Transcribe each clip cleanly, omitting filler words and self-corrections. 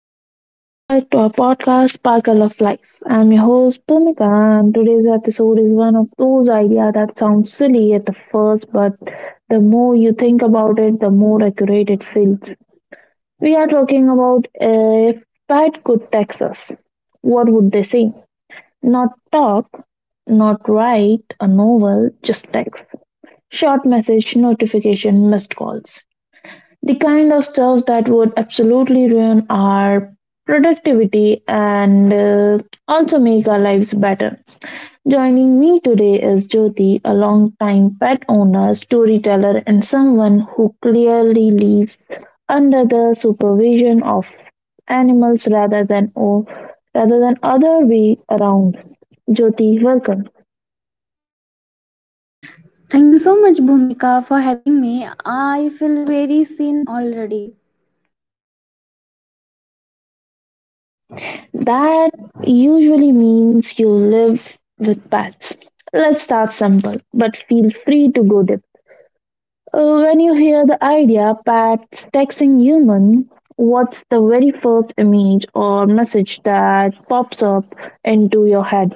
Hello and welcome back to our podcast, Sparkle of Life. I'm your host, Bhumika, and today's episode is one of those ideas that sounds silly at the first, but the more you think about it, the more accurate it feels. We are talking about if Pat could text us, what would they say? Not talk, not write a novel, just text. Short message, notification, missed calls. The kind of stuff that would absolutely ruin our productivity and also make our lives better. Joining me today is Jyoti, a longtime pet owner, storyteller, and someone who clearly lives under the supervision of animals rather than other way around. Jyoti, welcome. Thank you so much, Bhumika, for having me. I feel very seen already. That usually means you live with pets. Let's start simple, but feel free to go deep. When you hear the idea pets texting human, what's the very first image or message that pops up into your head?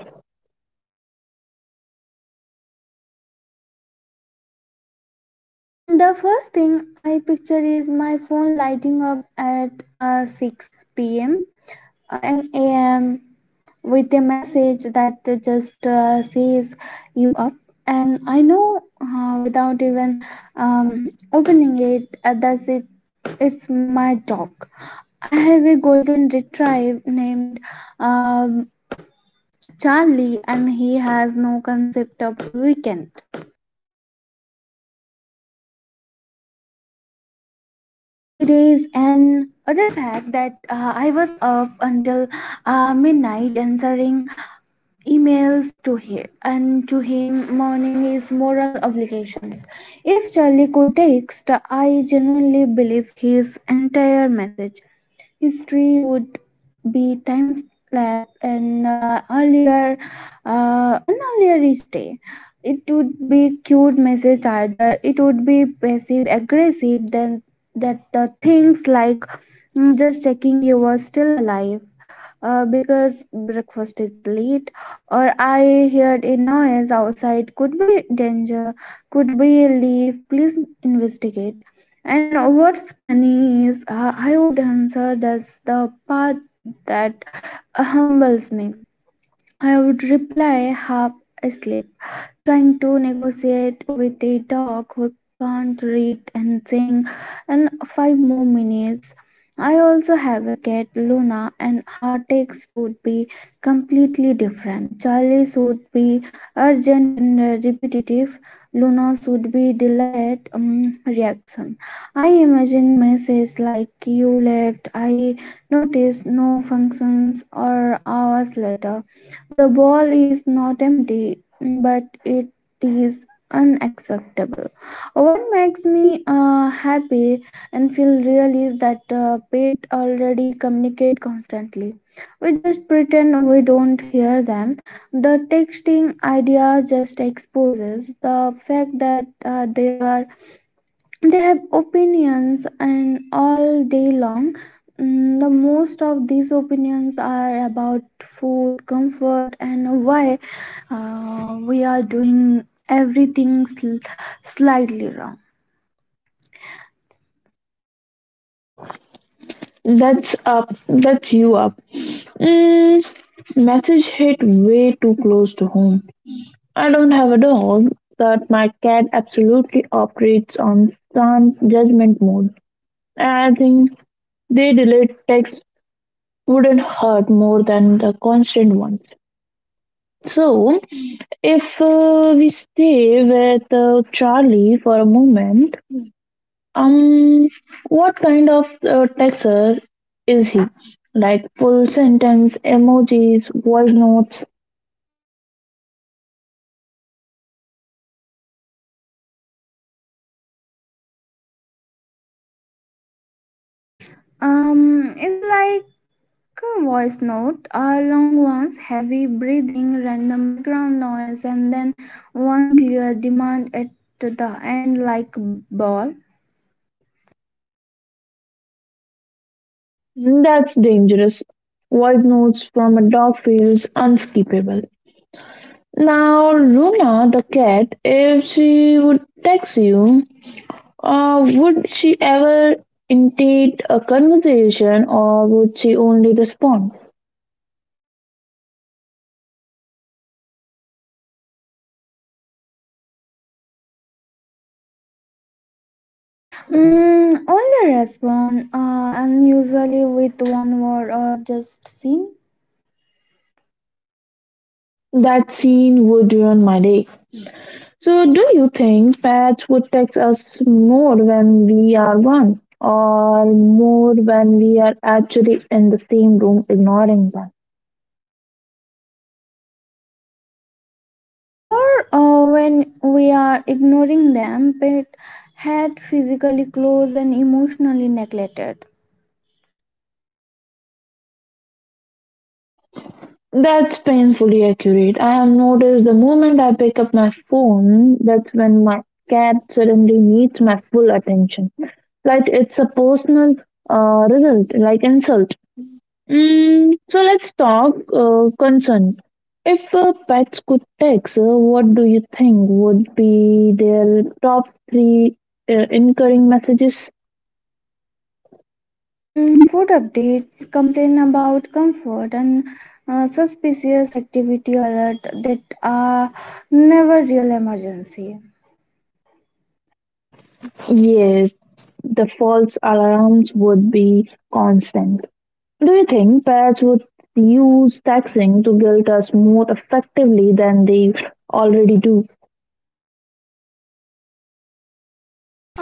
Mm, the first thing I picture is my phone lighting up at 6 p.m. and am with a message that just says you up. And I know without even opening it, that's it. It's my dog. I have a golden retriever named uh, Charlie, and he has no concept of weekend, holidays, and other fact that I was up until midnight answering emails to him, and to him morning is moral obligations. If Charlie could text, I genuinely believe his entire message history would be time lapse and earlier an earlier each day. It would be cute message, either it would be passive aggressive then that the things like, mm, just checking you were still alive. Because breakfast is late, or I heard a noise outside. Could be danger. Could be a leaf. Please investigate. And what's funny is I would answer, that's the part that humbles me. I would reply half asleep, trying to negotiate with a dog who can't read and sing in five more minutes. I also have a cat, Luna, and her text would be completely different. Charlie's would be urgent and repetitive. Luna's would be delayed reaction. I imagine messages like "You left," "I noticed," "No functions," or hours later. The bowl is not empty but it is unacceptable. What makes me happy and feel real is that pet already communicate constantly. We just pretend we don't hear them. The texting idea just exposes the fact that they have opinions, and all day long, mm, the most of these opinions are about food comfort and why we are doing everything slightly wrong. That's up. That's you up. Mm, message hit way too close to home. I don't have a dog, but my cat absolutely operates on sound judgment mode. And I think they delayed text wouldn't hurt more than the constant ones. So, if we stay with Charlie for a moment, um, what kind of texter is he? Like full sentence, emojis, voice notes. Um, it's like a voice note, a long ones, heavy breathing, random background noise, and then one clear demand at the end, like ball. That's dangerous. Voice notes from a dog feels unskippable. Now, Luna the cat, if she would text you, would she ever initiate a conversation or would she only respond? Mm, only respond, and usually with one word or just sing. That scene would ruin my day. So, do you think pets would text us more when we are one or more when we are actually in the same room ignoring them? More when we are ignoring them, pet had physically close and emotionally neglected. That's painfully accurate. I have noticed the moment I pick up my phone, that's when my cat suddenly needs my full attention. Like it's a personal result, like insult. Mm, so let's talk consent. If pets could text, what do you think would be their top three incurring messages? Food updates, complain about comfort, and suspicious activity alert that are never real emergency. Yes, the false alarms would be constant. Do you think parents would use taxing to guilt us more effectively than they already do?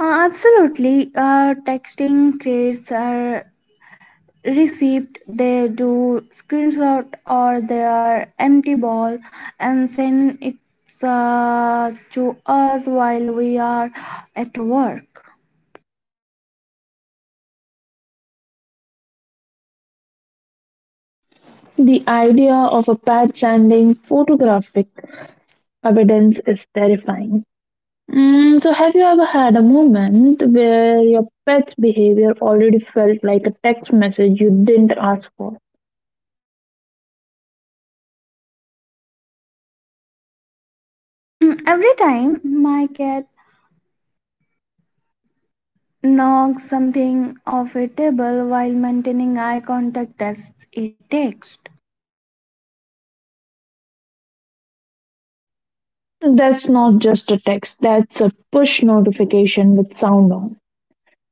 Absolutely, texting creates a receipt. They do screenshot or their empty ball and send it to us while we are at work. The idea of a pat sending photographic evidence is terrifying. Mm, so, have you ever had a moment where your pet's behavior already felt like a text message you didn't ask for? Mm, every time my cat knocks something off a table while maintaining eye contact, that's a text. That's not just a text, that's a push notification with sound on.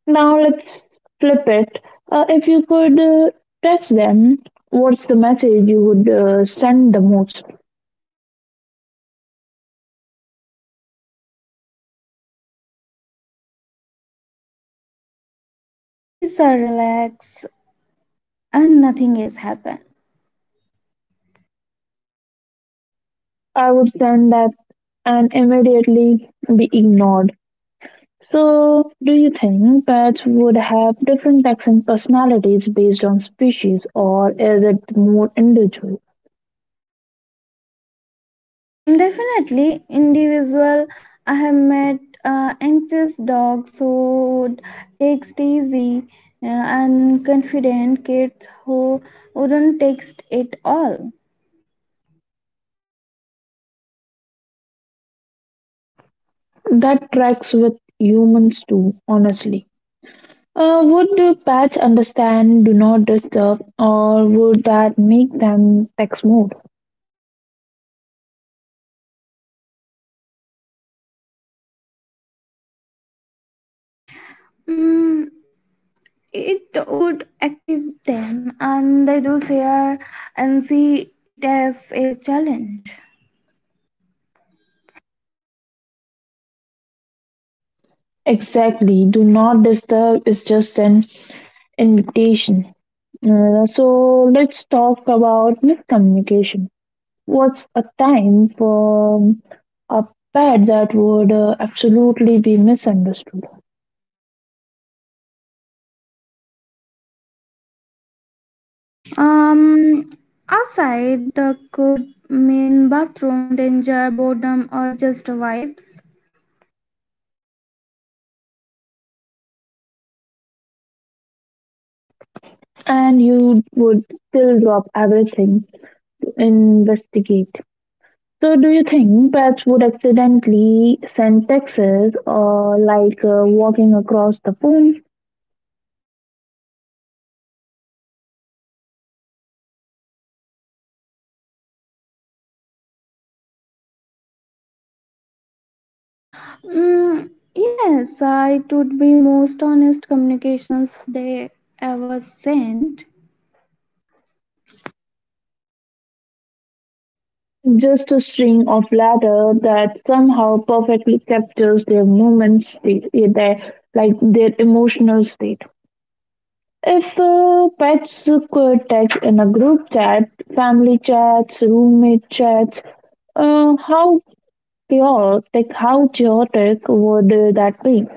Now let's flip it. If you could text them, what's the message you would send the most? Mm, please relax, and nothing has happened. I would send that and immediately be ignored. So, do you think pets would have different texting personalities based on species, or is it more individual? Mm, definitely, individual. I have met anxious dogs who would take it easy, and confident kids who wouldn't text it all. That tracks with humans too, honestly. Would the pets understand do not disturb, or would that make them text more? Mm, it would active them, and they do share and see it as a challenge. Exactly. Do not disturb is just an invitation. So let's talk about miscommunication. What's a time for a pet that would absolutely be misunderstood Um, outside, the could mean bathroom danger, boredom, or just vibes. and you would still drop everything to investigate? So, do you think pets would accidentally send texts or like walking across the phone? Mm, yes, I would be most honest communications they ever sent. Just a string of letters that somehow perfectly captures their moment state, their emotional state. If pets could text in a group chat, family chats, roommate chats, uh, how how chaotic would that be?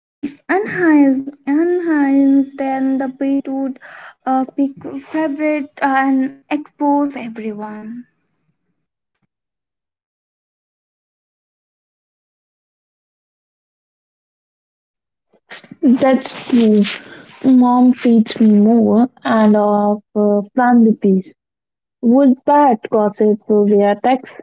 Mm, and Heinz, then the bit would pick favorite and expose everyone. That's true. Mom feeds me more and of family peace. Would that gossip via text?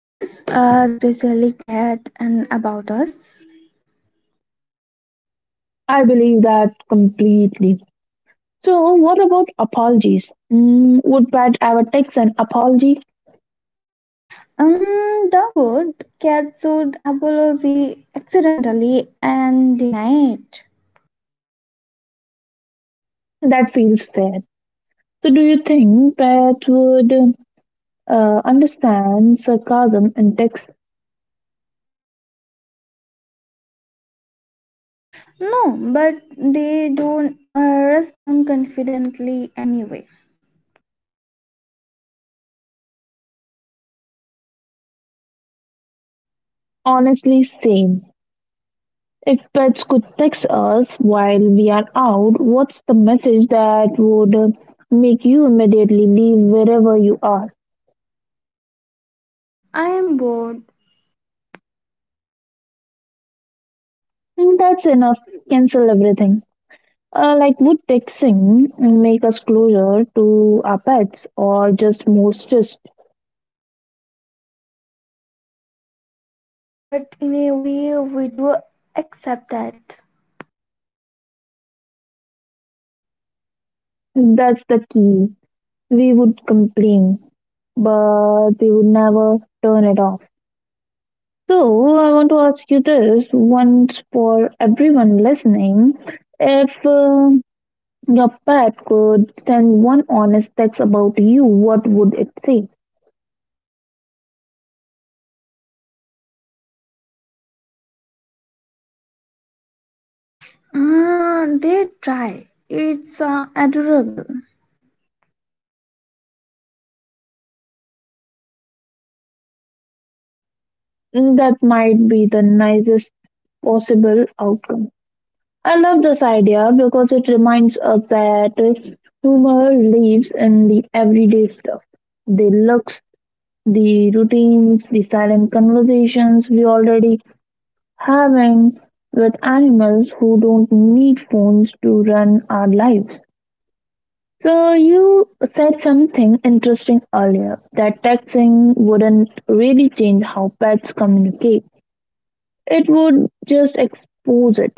Yes, especially cat and about us. I believe that completely. So, what about apologies? Mm, would Pat ever take an apology? Doggone, cat would apologize accidentally and deny it. That feels fair. So, do you think Pat would understand sarcasm and text No, but they don't respond confidently anyway. honestly same? If pets could text us while we are out, what's the message that would make you immediately leave wherever you are? I am bored. Mm, that's enough. Cancel everything. Like, would texting make us closer to our pets or just more stressed? Both, but in a way, we do accept that. That's the key. We would complain, but we would never turn it off. So, I want to ask you this once for everyone listening. If your pet could send one honest text about you, what would it say? Ah, they try. It's adorable. That might be the nicest possible outcome. I love this idea because it reminds us that humor lives in the everyday stuff the looks, the routines, the silent conversations we already having with animals who don't need phones to run our lives. So you said something interesting earlier that texting wouldn't really change how pets communicate. It would just expose it.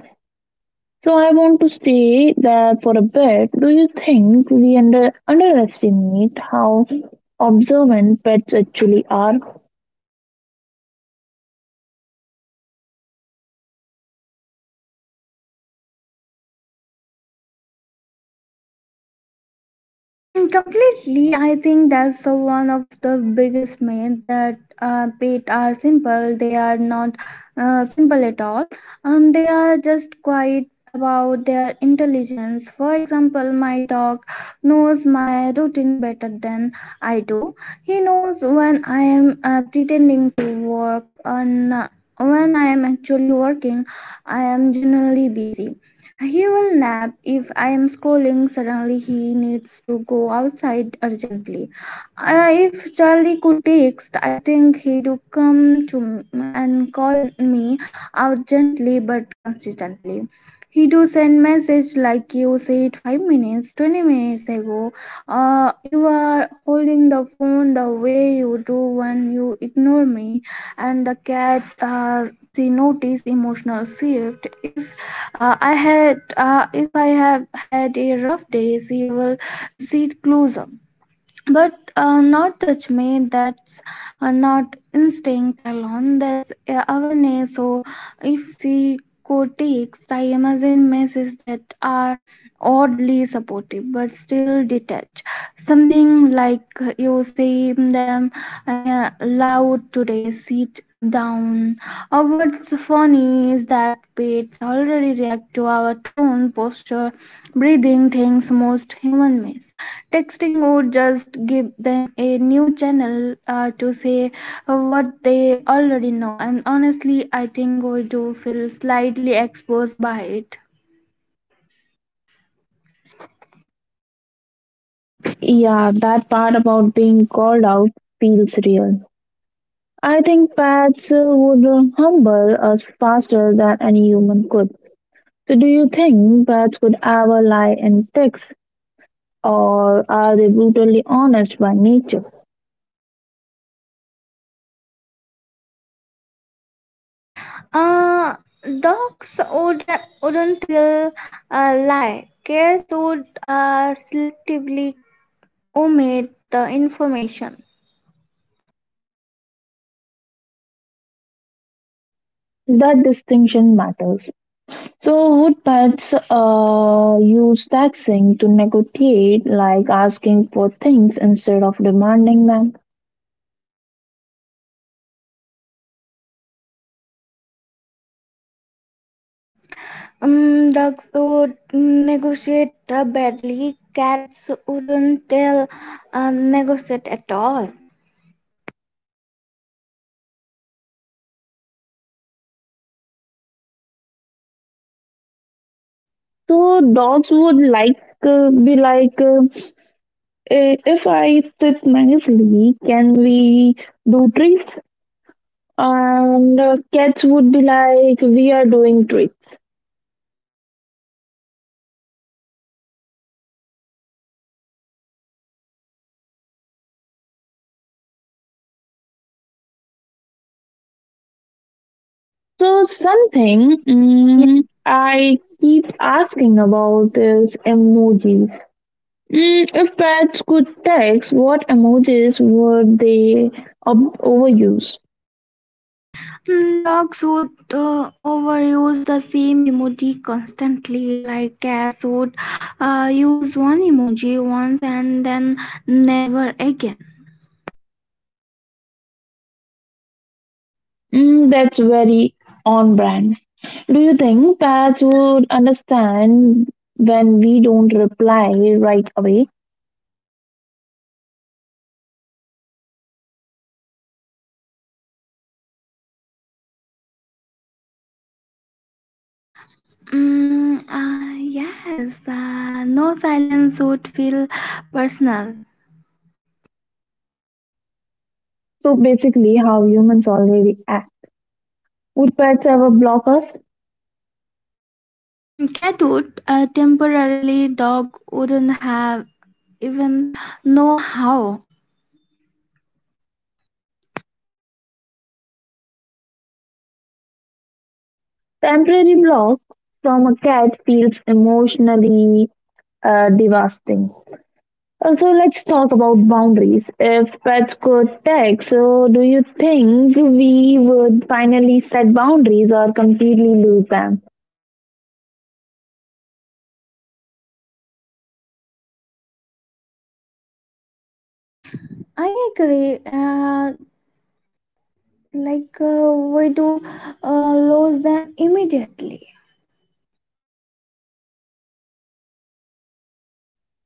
So I want to stay there for a bit, do you think we underestimate how observant pets actually are? Mm, completely. I think that's the one of the biggest myths that pet are simple. They are not simple at all. They are just quiet about their intelligence. For example, my dog knows my routine better than I do. He knows when I am pretending to work and when I am actually working. I am generally busy. He will nap if I am scrolling. Suddenly, he needs to go outside urgently. If Charlie could text, I think he'd come to m- and call me out gently but consistently. He do send message like you said 5 minutes, 20 minutes ago. You are holding the phone the way you do when you ignore me, and the cat she notice emotional shift. If if I have had a rough day, you will see it closer but not touch me. That's not instinct alone, that's awareness. So if she cortex, I imagine messages that are oddly supportive but still detached, something like you say them loud today, sit down. Or what's funny is that pets already react to our tone, posture, breathing, things most human miss. Texting would just give them a new channel to say what they already know, and honestly, I think we do feel slightly exposed by it. Yeah, that part about being called out feels real. I think pets would humble us faster than any human could. So, do you think pets could ever lie in ticks, or are they brutally honest by nature? Uh, dogs wouldn't tell a lie. Cats would selectively omit the information. That distinction matters. So, would pets use taxing to negotiate, like asking for things instead of demanding them? Dogs would negotiate badly. Cats wouldn't tell negotiate at all. So, dogs would like be like. If I sit nicely, can we do tricks? And cats would be like, we are doing tricks. So something I keep asking about is emojis. Mm, if pets could text, what emojis would they overuse? Mm, dogs would overuse the same emoji constantly, like cats would use one emoji once and then never again. Mm, that's very on brand. Do you think pets would understand when we don't reply right away? Mm, yes, no silence would feel personal. So basically, how humans already act. Would pets ever block us? Mm, cat would temporarily, dog wouldn't have even know how. Temporary block from a cat feels emotionally devastating. Also, let's talk about boundaries. If pets could text, so do you think we would finally set boundaries or completely lose them? I agree, we do lose them immediately.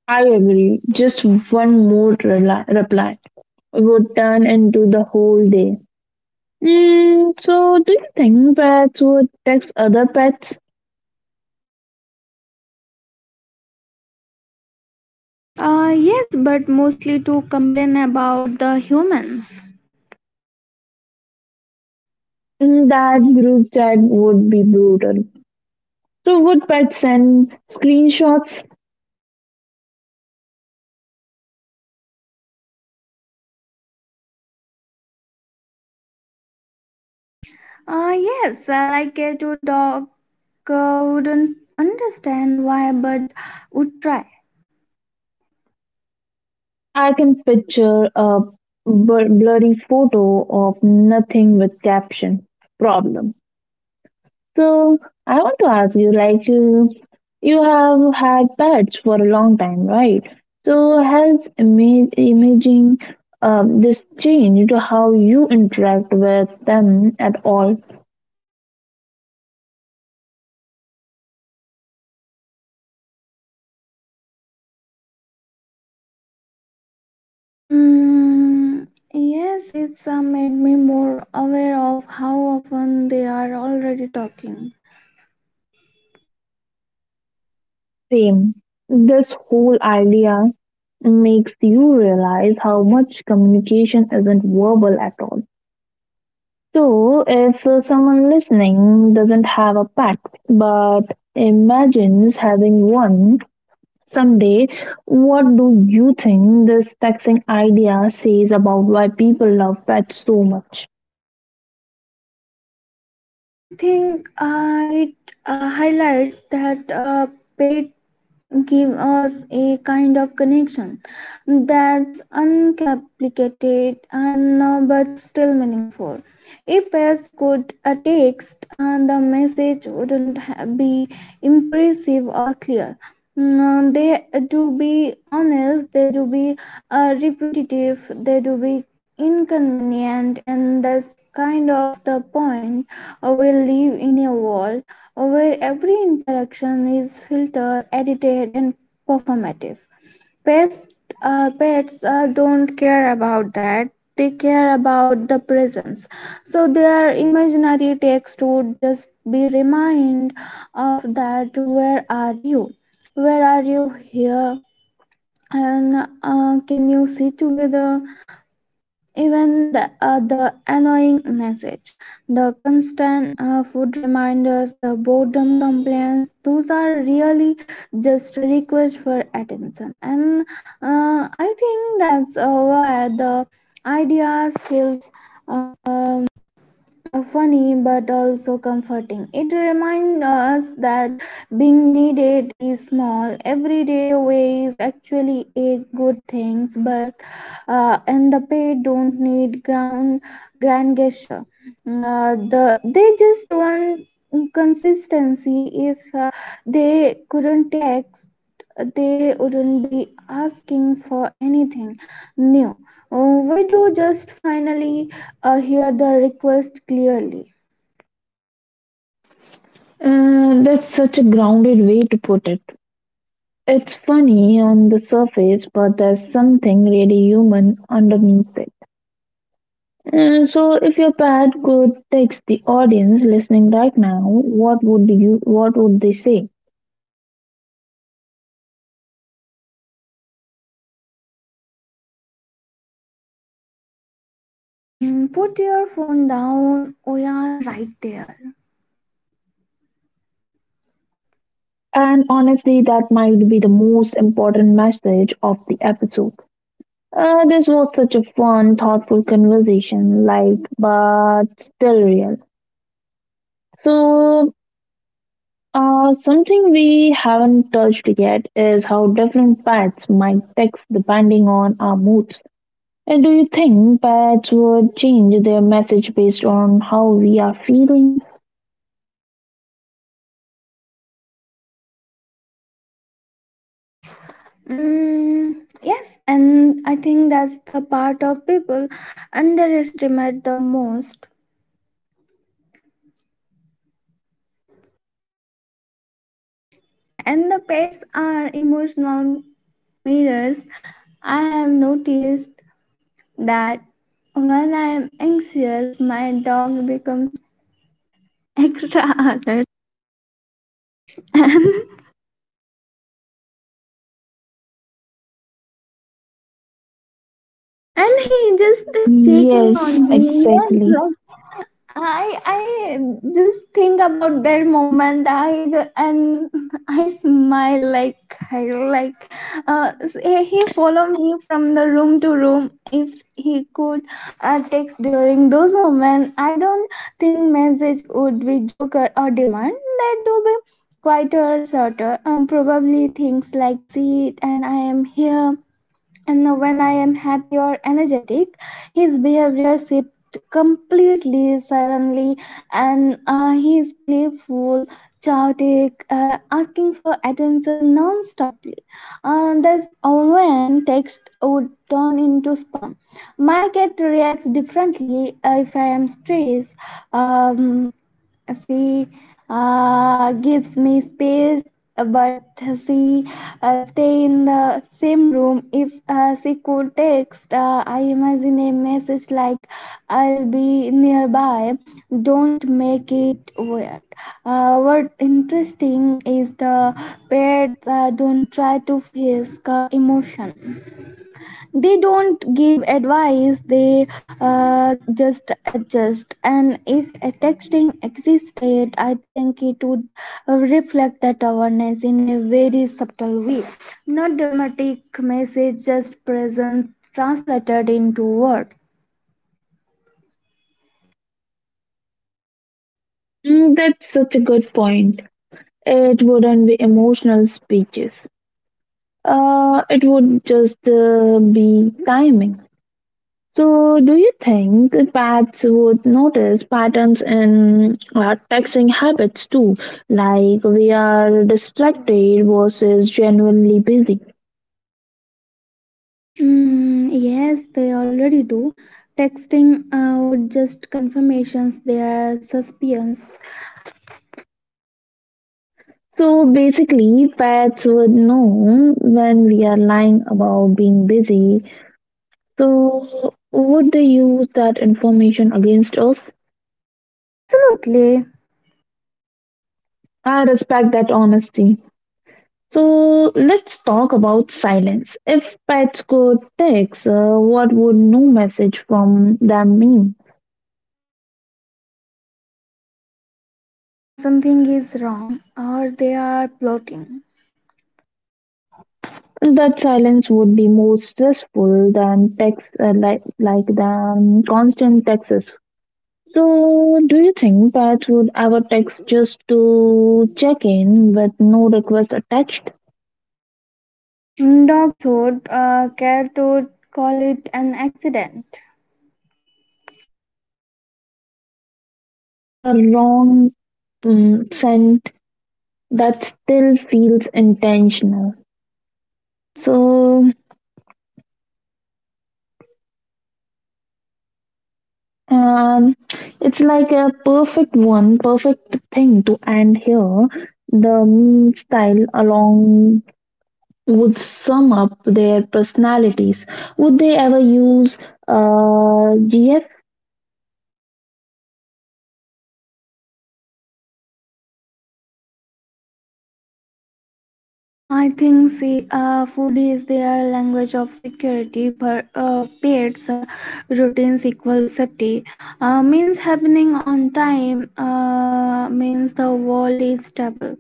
I agree. Just one more reply would turn into the whole day. Mm, so, do you think pets would text other pets? Yes, but mostly to complain about the humans. In that group chat would be brutal. So would Pat send screenshots? Yes, like a to dog wouldn't understand why, but would try. I can picture a blurry photo of nothing with caption. Problem. So I want to ask you, you have had pets for a long time, right? So has imaging this changed how you interact with them at all? Mm, yes, it's made me more aware of how often they are already talking. Same. This whole idea makes you realize how much communication isn't verbal at all. So, if someone listening doesn't have a pact but imagines having one someday, what do you think this texting idea says about why people love pets so much? I think it highlights that pet give us a kind of connection that's uncomplicated and but still meaningful. If pairs could text, the message wouldn't be impressive or clear. Mm, they do be honest, they do be repetitive, they do be inconvenient, and that's kind of the point. Uh, we live in a world where every interaction is filtered, edited, and performative. Pets, pets don't care about that. They care about the presence. So their imaginary text would just be remind of that. Where are you? Where are you here? And can you sit together? Even the annoying message, the constant food reminders, the boredom complaints, those are really just a request for attention. And I think that's why the ideas feels Um, funny but also comforting. It reminds us that being needed is small, everyday ways actually a good things, but and the paid don't need ground grand gesture. They just want consistency. If they couldn't take, they wouldn't be asking for anything new. We do just finally hear the request clearly. That's such a grounded way to put it. It's funny on the surface, but there's something really human underneath it. So, if your pet could text the audience listening right now, what would they say? Mm, put your phone down, we are right there. And honestly, that might be the most important message of the episode. This was such a fun, thoughtful conversation, like but still real. So, something we haven't touched yet is how different pets might text depending on our moods. And do you think pets would change their message based on how we are feeling? Mm, yes, and I think that's the part of people underestimate the most. And the pets are emotional mirrors. I have noticed that when I am anxious, my dog becomes extra alert and, and he just check me on Yes, me. Yes, exactly. like i just think about that moment, I ju- and I smile like uh, he follow me from the room to room. If he could text during those moments, I don't think message would be joker or demand that to be quieter, shorter. Um, probably things like see it, and I am here. And when I am happy or energetic, his behavior shifts completely suddenly, and he is playful, chaotic, asking for attention non-stoply. That's when text would turn into spam. My cat reacts differently if I am stressed. Um, she gives me space but she stay in the same room. If she could text, I imagine a message like I'll be nearby, don't make it weird. Uh, what interesting is the pets don't try to face the emotion, they don't give advice, they just adjust. And if a texting existed, I think it would reflect that awareness in a very subtle way, not dramatic message, just present translated into words. Mm, that's such a good point. It wouldn't be emotional speeches. It would just be timing. So, do you think that pets would notice patterns in our texting habits too? Like we are distracted versus genuinely busy. Mm, yes, they already do. Texting would just confirmations their suspicions. So basically, pets would know when we are lying about being busy. So, would they use that information against us? Absolutely. I respect that honesty. So, let's talk about silence. If pets could text, what would no message from them mean? Uh, something is wrong or they are plotting. That silence would be more stressful than text, like than constant texts. So, do you think pets would ever text just to check in with no request attached? Dogs would care to call it an accident. A wrong send that still feels intentional. So um, it's like a perfect one, perfect thing to end here. The meme style along would sum up their personalities. Would they ever use GF? I think see, food is their language of security, but pets routines equal safety. Means happening on time means the world is stable.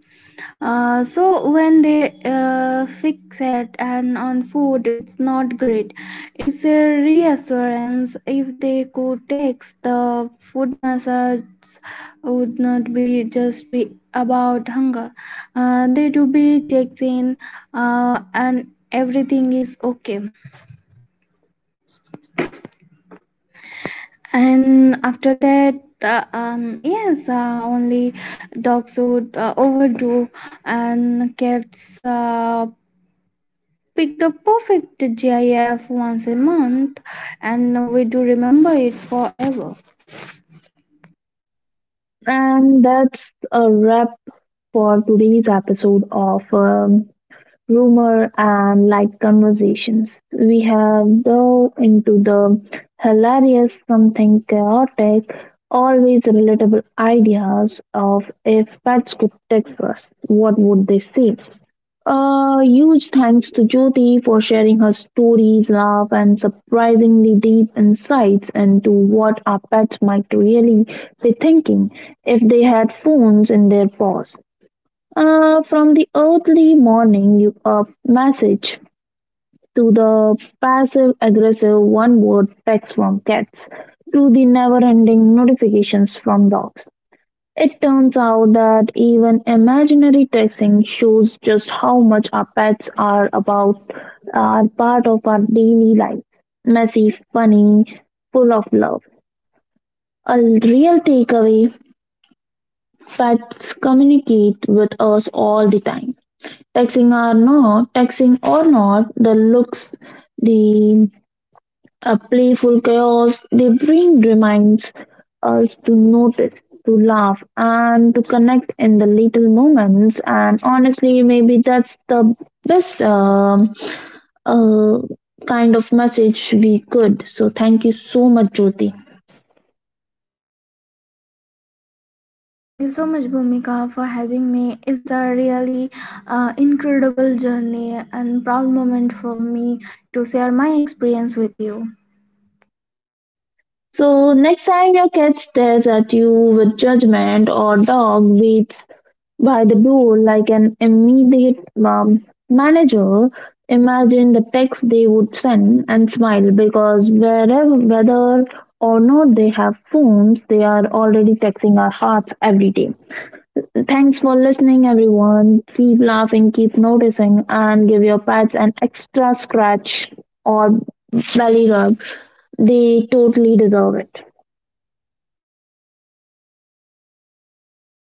So when they fix it and on food, it's not great. It's a reassurance. If they could text, the food message would not be just be about hunger. Uh, they do be checks in and everything is okay. And after that, yes, only dogs would overdo, and cats pick the perfect gif once a month, and we do remember it forever. And that's a wrap for today's episode of. Rumor, and light conversations. We have dove into the hilarious, something chaotic, always relatable ideas of if pets could text us, what would they say? Huge thanks to Jyoti for sharing her stories, love, and surprisingly deep insights into what our pets might really be thinking if they had phones in their paws. From the early morning you up message to the passive aggressive one word text from cats to the never ending notifications from dogs. It turns out that even imaginary texting shows just how much our pets are about, are part of our daily lives. Messy, funny, full of love. A real takeaway pets communicate with us all the time. Taxing or not, the looks, the playful chaos they bring reminds us to notice, to laugh, and to connect in the little moments. And honestly, maybe that's the best uh, kind of message we could. So thank you so much, Jyoti. Thank you so much, bhumika, for having me. It's a really incredible journey and proud moment for me to share my experience with you. So next time your cat stares at you with judgment or dog waits by the door, like an immediate manager, imagine the text they would send and smile because whether or not they have phones, they are already texting our hearts every day. Thanks for listening, everyone. Keep laughing, keep noticing, and give your pets an extra scratch or belly rub. They totally deserve it.